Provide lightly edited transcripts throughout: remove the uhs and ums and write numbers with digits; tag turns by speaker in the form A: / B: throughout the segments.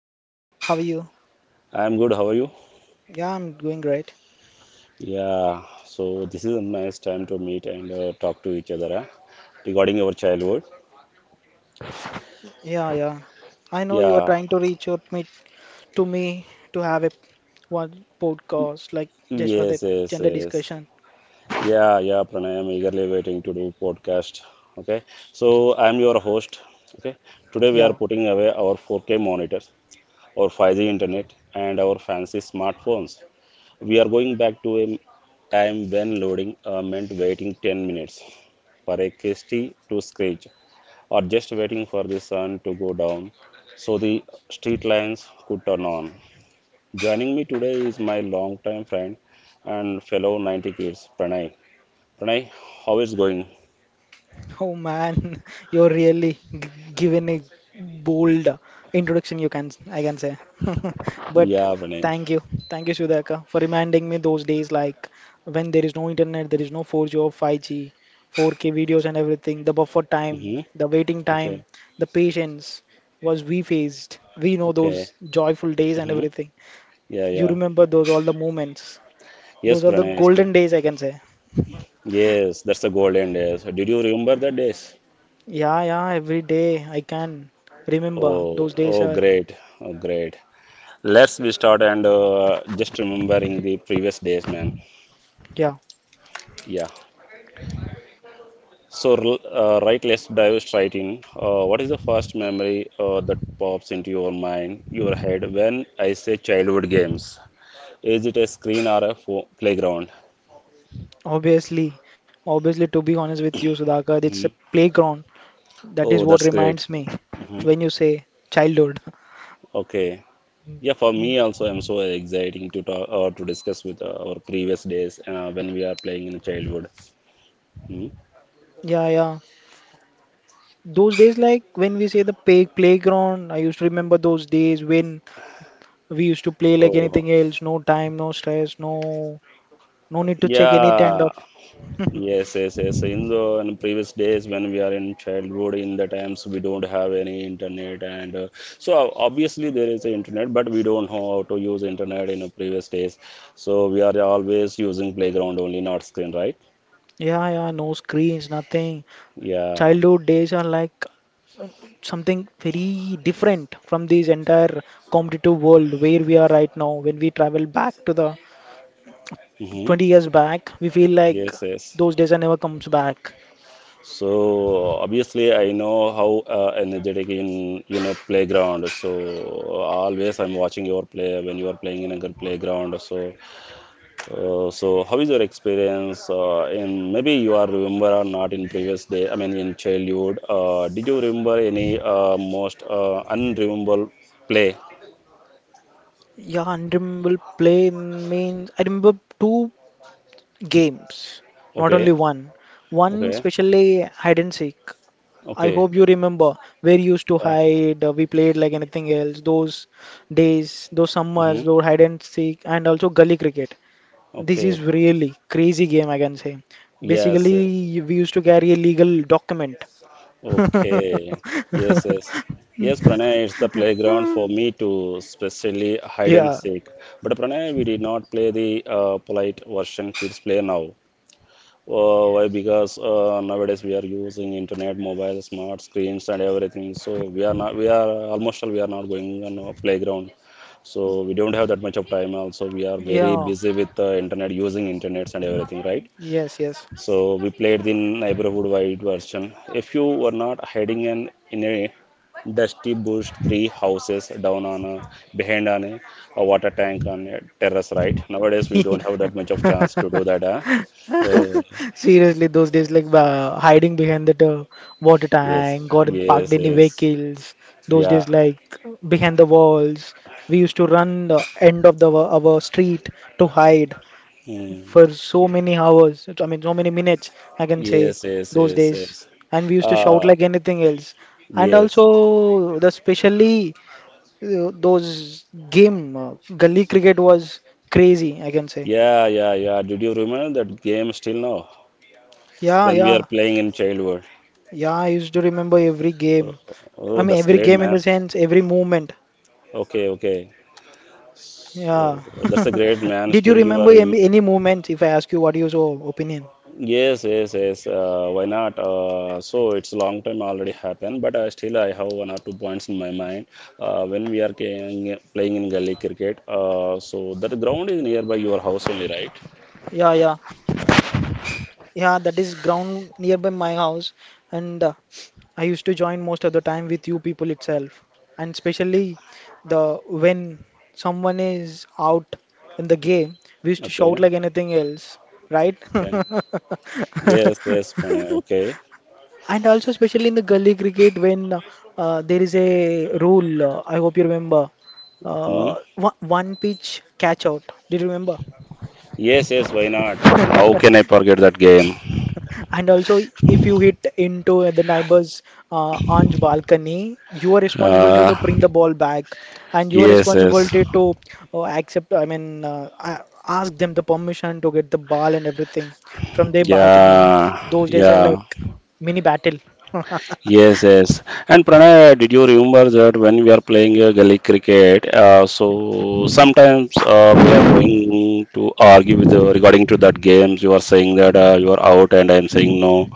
A: Hello Sudhaka, how are you?
B: I am good. How are you?
A: Yeah, I'm doing great.
B: Yeah, so this is a nice time to meet and talk to each other, huh, regarding our childhood.
A: Yeah, yeah. I know you are
B: Yeah,
A: trying to reach out me to have a one podcast like just for the
B: yes, yes,
A: gender
B: yes.
A: discussion.
B: Yeah, yeah, Pranay, I'm eagerly waiting to do podcast. Okay, so I'm your host. Okay, today we are
A: Yeah.
B: putting away our 4K monitors, our 5G internet, and our fancy smartphones. We are going back to a time when loading meant waiting 10 minutes for a KST to scratch or just waiting for the sun to go down so the street lights could turn on. Joining me today is my longtime friend and fellow 90s kids, Pranay. Pranay, how is going?
A: Oh man, you're really g given a bold introduction, you can I can say. But
B: Yeah, Pranay.
A: thank you, thank you, Sudhaka, for reminding me those days like when there is no internet, there is no 4G or 5G, 4K videos and everything. The buffer time,
B: Hmm.
A: the waiting time,
B: Okay,
A: the patience was we faced. We know
B: okay.
A: those joyful days and
B: Hmm.
A: everything.
B: Yeah,
A: You
B: yeah.
A: remember those all the moments. Those
B: Yes,
A: are the
B: Pranay, yes, Pranay.
A: golden days, I can say.
B: Yes, that's the golden days. Did you remember the days?
A: Yeah, yeah, every day I can remember
B: Oh,
A: those days
B: oh,
A: are.
B: great, oh, great. Let's be start and just remembering the previous days, man.
A: Yeah,
B: Yeah. So, right, let's dive straight in. What is the first memory that pops into your mind, your head, when I say childhood games? Is it a screen or a playground?
A: obviously, obviously, to be honest with you, Sudhakar, it's a
B: Mhm.
A: playground. That is
B: Oh,
A: what
B: that's great.
A: reminds me
B: Mhm.
A: when you say childhood.
B: Okay. Yeah, for me also, I'm so exciting to talk or to discuss with our previous days when we are playing in childhood. Mhm.
A: Yeah, yeah. Those days, like when we say the playground, I used to remember those days when we used to play like
B: Oh,
A: anything else. No time, no stress, no no need to check any kind
B: yeah.
A: of.
B: Yes, yes, yes. In previous days when we are in childhood, in the times we don't have any internet, and so obviously there is internet, but we don't know how to use internet in the previous days. So we are always using playground only, not screen, right?
A: Yeah, yeah. No screens, nothing.
B: Yeah.
A: Childhood days are like something very different from this entire competitive world where we are right now. When we travel back to the
B: Hmm.
A: 20 years back, we feel like
B: Yes, yes.
A: those days are never comes back.
B: So obviously I know how energetic in playground. So always I'm watching your play when you are playing in a good playground. So how is your experience in maybe you are remember or not in previous day I mean in childhood did you remember any most unrememberable play.
A: Yeah, unremarkable play means I remember two games, not only
B: Okay.
A: one. One
B: Okay.
A: especially hide and seek. I
B: Okay.
A: hope you remember where you used to
B: Yeah.
A: hide. We played like anything else. Those days, those summers,
B: Mm-hmm.
A: those hide and seek, and also gully cricket. This is
B: Okay.
A: really crazy game, I can say.
B: Yes, yes.
A: Basically, we used to carry a legal document.
B: Okay. Yes, yes. Yes, Pranay, it's the playground for me to, especially hide and
A: Yeah,
B: seek. But Pranay, we did not play the polite version kids play now. Why? Because nowadays we are using internet, mobile, smart screens, and everything. So we are not, we are almost all we are not going on a playground. So we don't have that much of time. Also, we are very
A: yeah,
B: busy with internet, using internets and everything, right?
A: yes, yes.
B: So we played the neighborhood-wide version. If you were not hiding in a dusty bush, three houses down on a behind on a water tank on a terrace, right? Nowadays we don't have that much of chance to do that. Huh? Uh,
A: Seriously, those days, like hiding behind that water
B: Yes,
A: tank or parked
B: yes,
A: any
B: yes.
A: vehicles. Those
B: Yeah.
A: days, like behind the walls, we used to run the end of the our street to hide
B: Mm.
A: for so many hours, I mean, so many minutes, I can say,
B: Yes, yes,
A: those
B: yes,
A: days.
B: yes.
A: And we used to shout
B: Uh,
A: like anything else. And
B: yes.
A: also, the specially those game, gully cricket was crazy, I can say.
B: Yeah, yeah, yeah. Did you remember that game still now?
A: Yeah,
B: When we are
A: yeah,
B: playing in childhood.
A: yeah, I used to remember every
B: Oh,
A: game. I
B: oh,
A: mean,
B: that's
A: every
B: great,
A: game in the
B: man.
A: sense, every movement.
B: Okay, okay.
A: Yeah.
B: So that's a great man.
A: Did you
B: Still, you are.
A: remember any movement if I ask you what is your opinion?
B: Yes, yes, yes. Why not? So it's long time already happened, but still I have one or two points in my mind. When we are playing in gully cricket, so that ground is nearby your house only, right?
A: Yeah, yeah. Yeah, that is ground nearby my house, and I used to join most of the time with you people itself, and especially the when someone is out in the game, we used to shout
B: Okay,
A: like anything else, right?
B: okay. Yes, yes, Pranay. Okay.
A: And also, especially in the gully cricket, when there is a rule, I hope you remember,
B: Hmm.
A: one, one pitch catch out. Do you remember?
B: Yes, yes, why not? How can I forget that game?
A: And also, if you hit into the neighbor's aunt's balcony, you are responsible
B: Uh,
A: to bring the ball back, and you are
B: yes,
A: responsible
B: yes.
A: to, accept, I mean, ask them the permission to get the ball and everything from their balcony.
B: Yeah,
A: Those days are
B: yeah.
A: like mini battle.
B: Yes, yes. And Pranay, did you remember that when we are playing gully cricket, so sometimes we are going to argue with regarding to that games. You are saying that you are out, and I am saying no.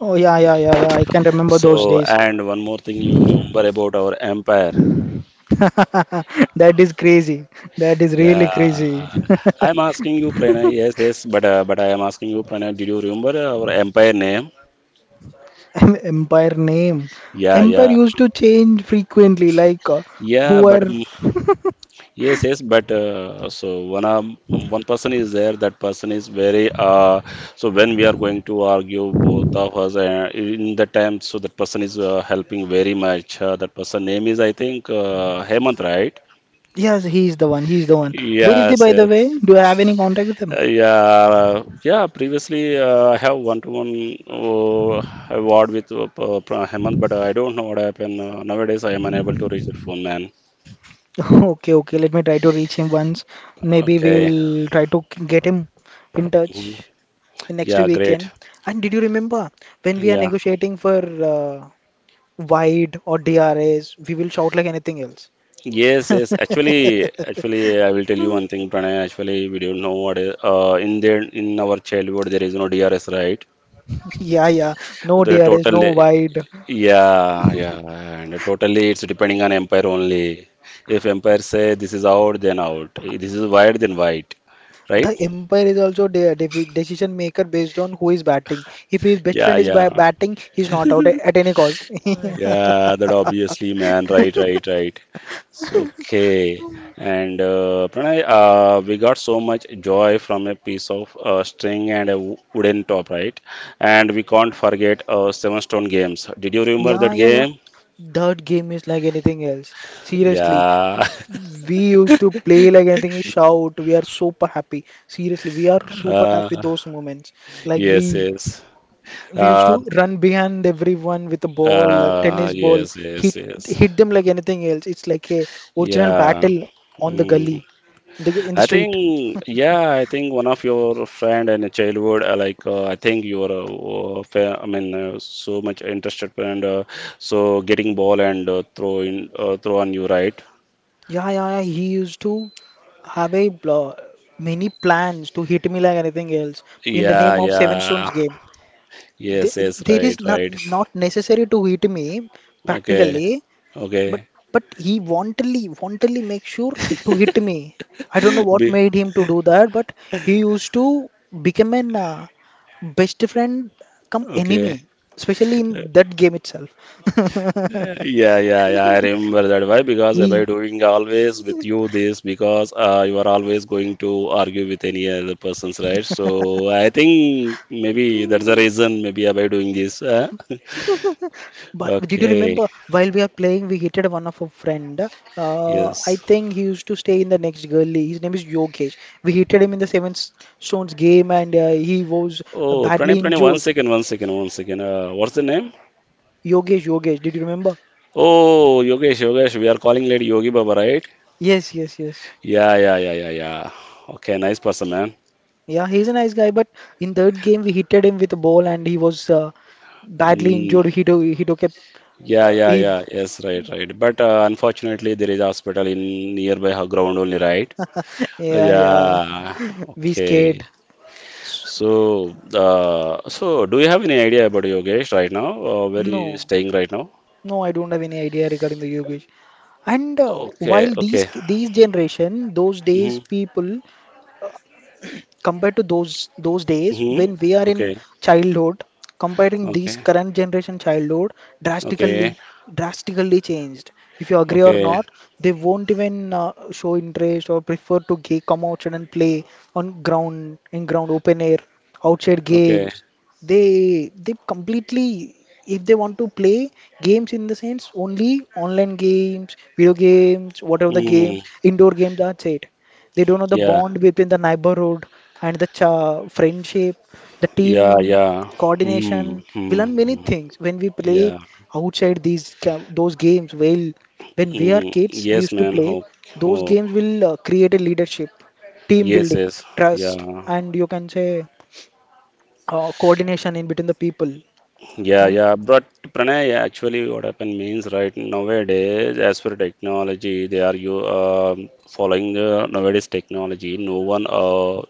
A: Oh yeah, yeah, yeah, yeah. I can remember those
B: So,
A: days.
B: and one more thing you remember about our empire.
A: That is crazy. That is really
B: Yeah,
A: crazy.
B: I'm asking you, Pranay. Yes, yes, but I am asking you, Pranay. Did you remember our empire name?
A: Em- Empire name.
B: Yeah,
A: Empire
B: yeah,
A: used to change frequently, like
B: yeah.
A: who
B: But
A: are.
B: yes, yes. But one one person is there. That person is very. When we are going to argue, both of us in the time, so that person is helping very much. That person name is, I think, Hemant, right?
A: Yes, he's the one. He's the one. Where is he,
B: Yes,
A: by the way?
B: yes.
A: Do I have any contact with him?
B: Yeah, yeah. Previously, I have one-to-one uh, award with Hemant, but I don't know what happened. Nowadays, I am unable to reach the phone, man.
A: Okay, okay. Let me try to reach him once. Maybe
B: Okay.
A: we'll try to get him in
B: Mhm.
A: touch in next
B: Yeah, great.
A: weekend. And did you remember when we are
B: Yeah.
A: negotiating for uh, wide or DRS, we will shout like anything else.
B: Yes, yes. Actually, I will tell you one thing, Pranay. Actually, we don't know what is in there in our childhood there is no DRS, right?
A: Yeah, yeah. No
B: The
A: DRS,
B: total
A: no wide.
B: Yeah, yeah, and totally it's depending on empire only. If empire say this is out, then out. If this is white, then white, right?
A: The umpire is also there, the decision maker based on who is batting. If his best
B: Yeah,
A: friend is
B: yeah,
A: ba batting, he's not out at any cost.
B: yeah. That obviously, man. Right, right, right. So, okay. And Pranay, we got so much joy from a piece of string and a wooden top, right? And we can't forget Seven Stone games. Did you remember
A: Yeah,
B: that
A: yeah, yeah.
B: game?
A: That game is like anything else. Seriously,
B: Yeah.
A: we used to play like anything. Shout! We are super happy. Seriously, we are super
B: Uh,
A: happy those moments. Like
B: yes,
A: we
B: yes.
A: we used
B: Uh,
A: to run behind everyone with a ball, a tennis ball,
B: yes, yes,
A: hit
B: yes.
A: hit them like anything else. It's like a original
B: Yeah.
A: battle on the
B: Mm.
A: gully, in the
B: I
A: street.
B: think, yeah, I think one of your friend in childhood, I think you were, I mean, so much interested and so getting ball and throw on you, right?
A: Yeah, yeah, yeah. He used to have a many plans to hit me like anything else in the
B: Yeah,
A: name of Seven Stones
B: yeah.
A: game. Th
B: Yes, yes,
A: There is
B: right,
A: not
B: right.
A: not necessary to hit me
B: Okay,
A: practically, but
B: okay.
A: he wantonly make sure to hit me. I don't know what
B: Be-
A: made him to do that, but he used to become an best friend come
B: okay.
A: enemy, especially in that game itself.
B: Yeah, yeah, yeah. I remember that. Why? Because by doing always with you this, because you are always going to argue with any other persons, right? So I think maybe that's the reason. Maybe by doing this, huh?
A: But did you
B: Okay.
A: remember while we are playing, we hit one of our friend. I
B: Yes.
A: think he used to stay in the next gully. His name is Yogesh. We hit him in the Stones game, and he was
B: Oh, Pranay,
A: badly
B: Pranay. One
A: injured.
B: second. 1 second. 1 second. What's the name?
A: Yogesh, Yogesh, did you remember?
B: Oh, Yogesh, Yogesh. We are calling lady Yogi Baba, right?
A: Yes, yes, yes.
B: Yeah, yeah, yeah, yeah, yeah. Okay, nice person, man.
A: Yeah, he's a nice guy, but in third game we hit him with a ball, and he was badly
B: Hmm.
A: injured. He took a
B: Yeah, yeah,
A: he
B: yeah. Yes, right, right. But unfortunately, there is hospital in nearby her ground only, right?
A: yeah yeah.
B: Yeah.
A: We scared.
B: Okay. So, do you have any idea about Yogesh right now? Where he is
A: No.
B: staying right now?
A: No, I don't have any idea regarding the Yogesh. And
B: Okay.
A: while these
B: Okay.
A: these generation, those
B: Mm-hmm.
A: days people, compared to those days when we are
B: Mm-hmm.
A: in
B: Okay.
A: childhood comparing these
B: Okay.
A: current generation childhood drastically
B: Okay.
A: drastically changed if you agree or
B: Okay.
A: not they won't even show interest or prefer to come outside and play on ground in ground open air outside
B: Okay.
A: games they completely if they want to play games in the sense only online games video games whatever the
B: Hmm.
A: games indoor games that's it they don't know the
B: Yeah.
A: bond between the neighborhood and the cha friendship, the team
B: Yeah. Yeah.
A: coordination.
B: Hmm.
A: We
B: Hmm.
A: learn many
B: Mm.
A: things when we play
B: Yeah.
A: outside those games. Well, when we are
B: Mm.
A: kids, we
B: Yes,
A: used to
B: man.
A: play.
B: Oh.
A: Those
B: Oh.
A: games will create a leadership, team
B: Yes.
A: building,
B: Yes.
A: trust,
B: Yeah.
A: and you can say coordination in between the people.
B: Yeah,
A: Um,
B: yeah, but Pranay, actually, what happened means right nowadays, as for technology, they are you following the nowadays technology. No one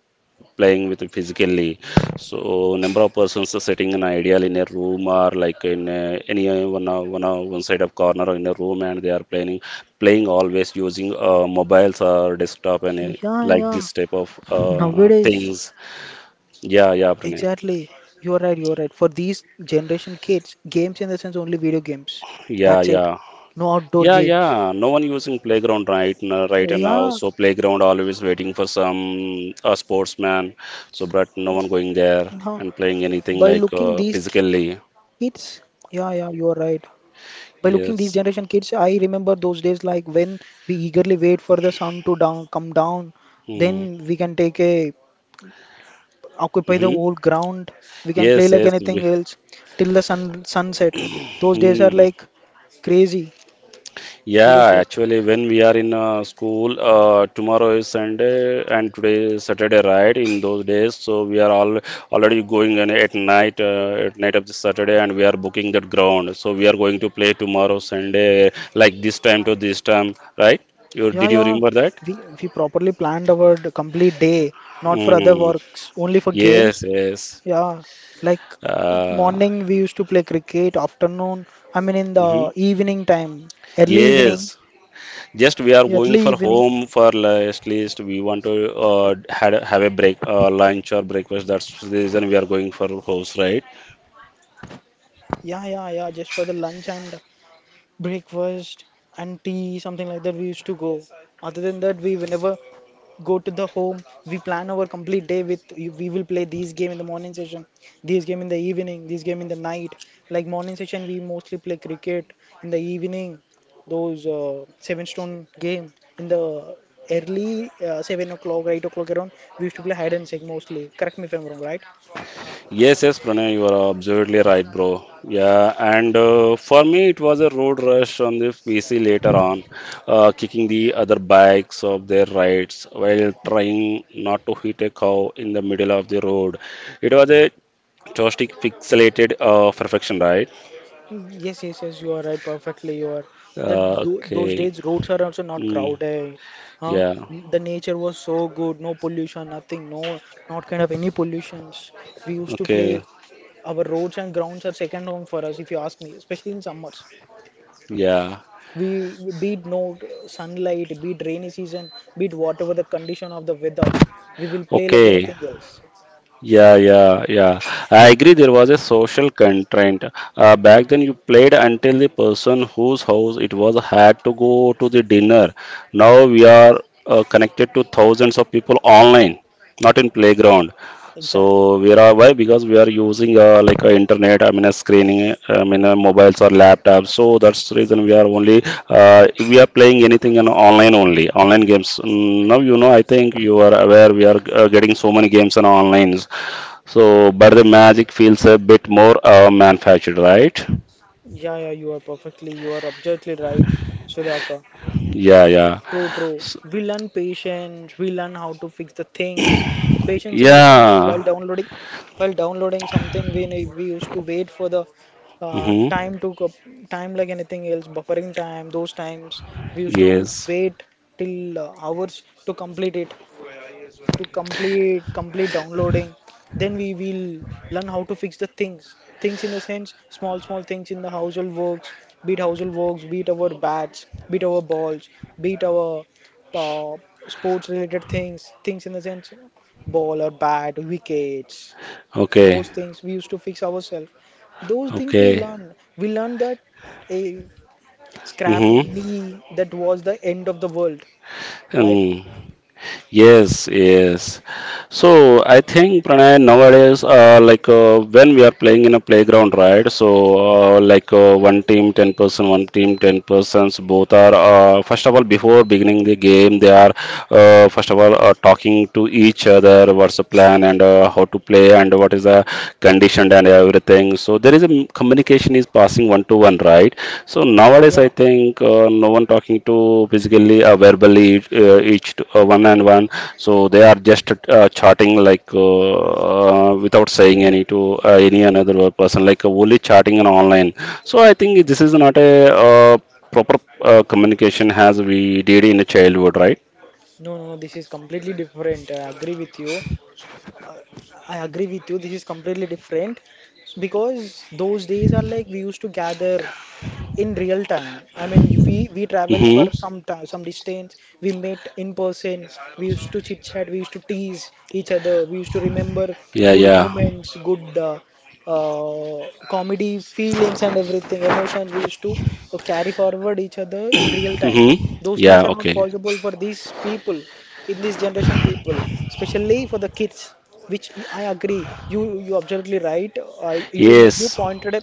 B: playing with it physically. So number of persons are sitting in ideal in a room or like in any one side of corner in a room, and they are playing always using mobiles or desktop and
A: yeah,
B: like
A: yeah.
B: this type of
A: Nowadays.
B: things. Yeah, yeah, Pranay.
A: Exactly. You're right, you're right. For these generation kids, games in the sense only video games.
B: Yeah,
A: That's it.
B: yeah.
A: No outdoor
B: Yeah,
A: games.
B: yeah. No one using playground right now, right now.
A: Yeah,
B: So playground always waiting for some a sportsman. So but no one going there
A: no.
B: and playing anything
A: By
B: like
A: looking these
B: physically.
A: kids, yeah, yeah, you're right. By looking these generation
B: Yes.
A: kids, I remember those days like when we eagerly wait for the sun to down come down,
B: Hmm.
A: then we can take a occupy the
B: Mm-hmm.
A: whole ground. We can play
B: Yes,
A: like
B: yes.
A: anything else till the sunset. Those days are
B: Hmm.
A: like crazy.
B: Yeah,
A: Seriously.
B: actually, when we are in school, tomorrow is Sunday and today is Saturday, right? In those days, so we are all already going in at night of the Saturday, and we are booking that ground. So we are going to play tomorrow Sunday, like this time to this time, right? You
A: Yeah,
B: did you
A: yeah.
B: remember that?
A: We properly planned our complete day, not for other
B: Mm.
A: works, only for games.
B: Yes, yes.
A: Yeah, like
B: Uh,
A: morning we used to play cricket, afternoon, I mean in the
B: mhm.
A: evening time, early evening,
B: Yes. Just we are going
A: early
B: for
A: evening.
B: home for last least we want to have a break lunch or breakfast. That's the reason we are going for house, right?
A: Yeah, yeah, yeah, just for the lunch and breakfast and tea, something like that. We used to go. Other than that, we whenever go to the home, we plan our complete day with we will play these game in the morning session, these game in the evening, these game in the night. Like morning session, we mostly play cricket. In the evening, those seven stone game. In the early 7 o'clock, 8 o'clock around, we used to play hide and seek mostly. Correct me if I'm wrong, right?
B: Yes, yes, Pranay, you are absolutely right, bro. Yeah, and for me it was a road rush on the PC later on, kicking the other bikes of their rides while trying not to hit a cow in the middle of the road. It was a joystick pixelated perfection, right?
A: Yes, yes, yes, you are right, perfectly. You are that those
B: Okay.
A: days roads are also not
B: Mm,
A: crowded, huh?
B: yeah.
A: The nature was so good, no pollution, nothing, no, not kind of any pollutions. We used to
B: Okay.
A: play. Our roads and grounds are second home for us, if you ask me, especially in summers.
B: Yeah.
A: We be it no sunlight, be it rainy season, be it whatever the condition of the weather, we will play like
B: Okay.
A: anything else.
B: Yeah, yeah, yeah. I agree there was a social constraint. Back then you played until the person whose house it was had to go to the dinner. Now we are connected to thousands of people online, not in playground.
A: Exactly.
B: So we are why because we are using like a internet. I mean, a screening. I mean, mobiles or laptops. So that's the reason we are only we are playing anything on online only online games. Mm, now you know. I think you are aware we are getting so many games on online. So, but the magic feels a bit more manufactured, right?
A: Yeah, yeah, you are perfectly, you are absolutely right, Sudhaka.
B: Yeah, yeah,
A: True, true.
B: S-
A: We learn patience. We learn how to fix the things. Patience in the sense
B: yeah.
A: while downloading something, we used to wait for the uh,
B: Mm-hmm.
A: time to co- time like anything else, buffering time. Those times we used to
B: Yes.
A: wait till hours to complete it to complete complete downloading then we will learn how to fix the things things in the sense small things in the household works beat our bats beat our balls beat our uh, sports related things things in the sense ball or bat wickets
B: Okay.
A: those things we used to fix ourselves those things
B: Okay.
A: we learn that a scrapped
B: Mm-hmm.
A: knee that was the end of the world right
B: Mm. Yes, yes. So I think Pranay nowadays, when we are playing in a playground, right? So one team 10 person, one team 10 persons. Both are first of all before beginning the game, they are first of all talking to each other. What's the plan and how to play and what is the condition and everything. So there is a communication is passing one to one, right? So nowadays,
A: yeah.
B: I think no one talking to physically verbally one and one. So they are just chatting like without saying any to any another person, like only chatting and online. So I think this is not a proper communication as we did in the childhood, right?
A: No, no, no, this is completely different. I agree with you. I agree with you. This is completely different because those days are like we used to gather in real time. I mean, we travel for
B: Mm-hmm.
A: some time, some distance. We met in person. We used to chit chat. We used to tease each other. We used to remember
B: Yeah,
A: good
B: yeah.
A: moments, good comedy feelings and everything emotions we used to carry forward each other in real time.
B: Mm-hmm.
A: Those
B: Yeah,
A: things are not
B: okay.
A: possible for these people in this generation people, especially for the kids, which I agree you absolutely right. You you
B: Yes.
A: pointed a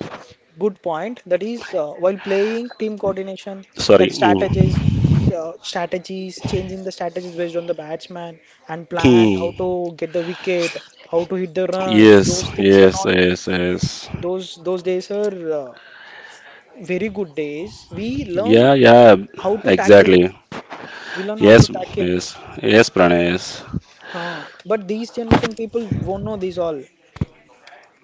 A: good point. That is while playing team coordination,
B: Sorry.
A: like strategies,
B: Mm.
A: changing the strategies based on the batsman and plan how to
B: Hmm.
A: get the wicket, how to hit the run.
B: Yes,
A: Those things are
B: yes,
A: not.
B: yes, yes.
A: Those days are very good days. We learn
B: Yeah, yeah,
A: how to tackle.
B: exactly.
A: We learn how to
B: Yes,
A: tackle.
B: yes, yes, Pranesh.
A: Huh. But these generation people won't know these all.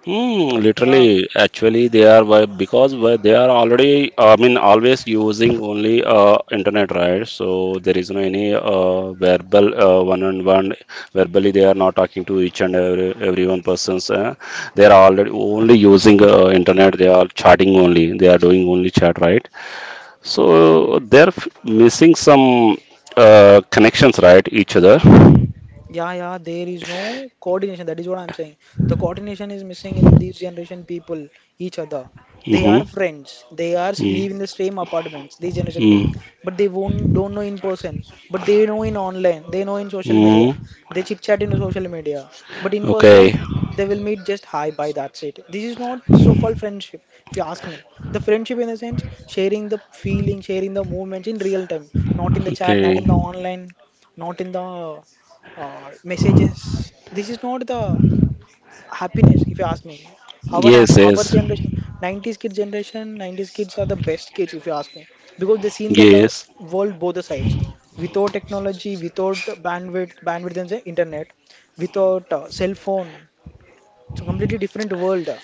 B: Hmm,
A: Yeah.
B: literally, actually, they are why because why they are already, I mean, always using only internet, right? So there is no any verbal one-on-one. Verbally, they are not talking to each and every one persons. Eh? They are already only using internet. They are chatting only. They are doing only chat, right? So they're missing some connections, right? Each other. Mm-hmm.
A: Yeah, yeah, there is no coordination. That is what I'm saying. The coordination is missing in these generation people, each other. They are friends. They are live in the same apartments, these generation people.
B: Mm-hmm.
A: But they won't don't know in person. But they know in online. They know in social media.
B: Mm-hmm.
A: They chit chat in social media. But in
B: Okay.
A: person, they will meet just hi, bye, that's it. This is not so-called friendship, if you ask me. The friendship in the sense sharing the feeling, sharing the movements in real time, not in the chat,
B: Okay.
A: not in the online, not in the messages. This is not the happiness, if you ask me. Our
B: Yes.
A: our
B: Yes.
A: generation, 90s kids generation, 90s kids are the best kids, if you ask me, because they seen the
B: Yes.
A: world both the sides. Without technology, without bandwidth and the internet, without cell phone, it's a completely different world.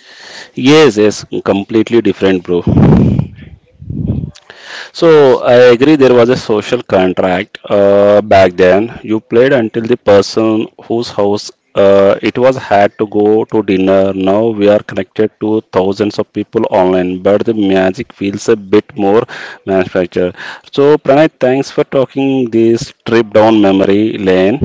B: Yes. Yes. Completely different, bro. So
A: Yes,
B: I agree there was a social contract back then. You played until the person whose house it was had to go to dinner. Now we are connected to thousands of people online, but the magic feels a bit more manufactured. So Pranay, thanks for talking this trip down memory lane.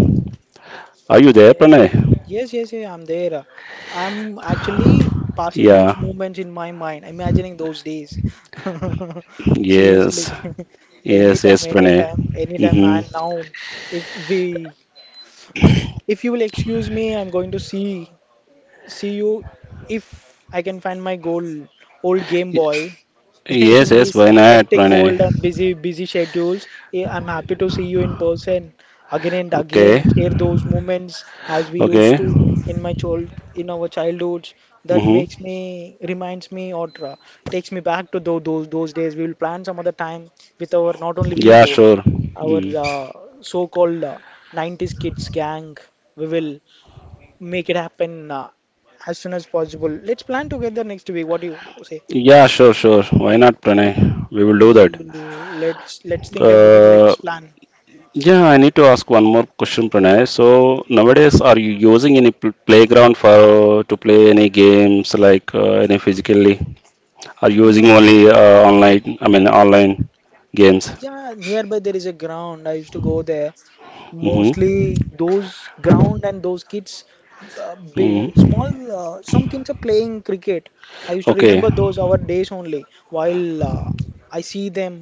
B: Are you there, Pranay?
A: yes, yes, yeah, I'm there. I'm actually passing
B: Yeah.
A: those moments in my mind, imagining those days.
B: Yes.
A: Seriously,
B: Yes.
A: anytime,
B: Yes, Pranay.
A: anytime, anytime,
B: Mm-hmm.
A: man. Now, if we, if you will excuse me, I'm going to see you if I can find my old Game Boy
B: Yes.
A: in
B: Yes.
A: this
B: Why not,
A: hectic
B: Pranay?
A: world and busy schedules. Eh, I'm happy to see you in person again and
B: Okay.
A: again. Share those moments as we used
B: Okay.
A: to in my child, in our childhoods. That makes
B: Mm-hmm.
A: me, reminds me, or takes me back to those days. We will plan some other time with our, not only we
B: Yeah,
A: both,
B: sure.
A: our
B: Mm.
A: so-called 90s kids gang. We will make it happen as soon as possible. Let's plan together next week. What do you say?
B: Yeah, sure, sure. Why not, Pranay? We will do that.
A: Let's think about it.
B: Uh,
A: Let's plan.
B: yeah, I need to ask one more question, Pranay. So
A: Yeah.
B: nowadays, are you using any playground for to play any games like any physically? Are you using
A: No.
B: only online? I mean, online games.
A: Yeah, nearby there is a ground. I used to go there.
B: Mm-hmm.
A: Mostly those ground and those kids, small,
B: Mm-hmm.
A: some kids are playing cricket. I used to
B: Okay.
A: remember those our days only. While I see them,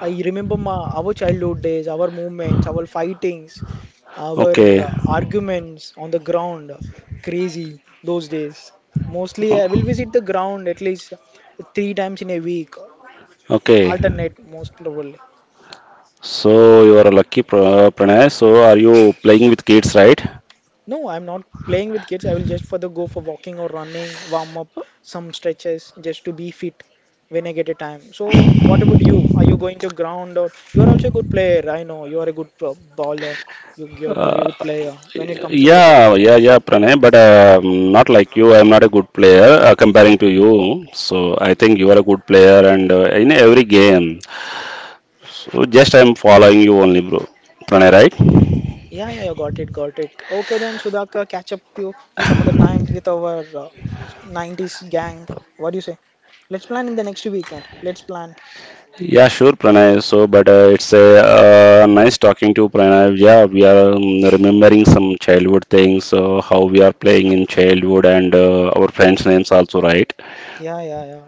A: I remember our childhood days, our movements, our fightings, our
B: Okay.
A: arguments on the ground. Crazy those days. Mostly I will
B: O-
A: visit the ground at least 3 times in a week,
B: Okay
A: alternate most probably.
B: So you are a lucky, Pranay. So are you playing with kids, right?
A: No, I'm not playing with kids. I will just for the go for walking or running, warm up, some stretches just to be fit when I get a time. So, what about you? Are you going to ground or you are also a good player? I know you are a bowler. You're a good player when it comes to cricket.
B: Yeah, yeah, yeah, Pranay, but not like you. I'm not a good player comparing to you. So I think you are a good player and in every game. So just I'm following you only, bro. Pranay, right?
A: Yeah, yeah, yeah, got it, got it. Okay, then Sudhaka, catch up to you in some other time with our 90s gang. What do you say? Let's plan in the next weekend. Let's plan.
B: Yeah, sure, Pranay. So, but it's a nice talking to you, Pranay. Yeah, we are remembering some childhood things, how we are playing in childhood, and our friends' names also, right?
A: Yeah, yeah, yeah.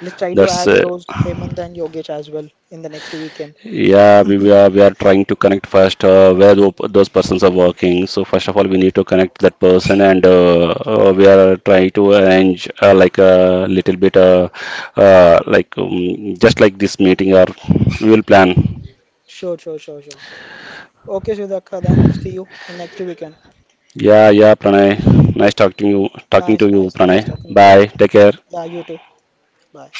A: Let's try to
B: That's
A: add those Hemant and Yogesh as well in the next weekend.
B: Yeah, we are trying to connect first where those persons are working. So first of all, we need to connect that person, and we are trying to arrange like a little bit, just like this meeting, or we will plan.
A: Sure, sure, sure, sure. Okay, Sudhakar, then see you in next weekend.
B: Yeah, yeah, Pranay. Nice talking to you, Pranay.
A: Nice talking to you.
B: Bye. Take care.
A: Yeah, you too. Bye.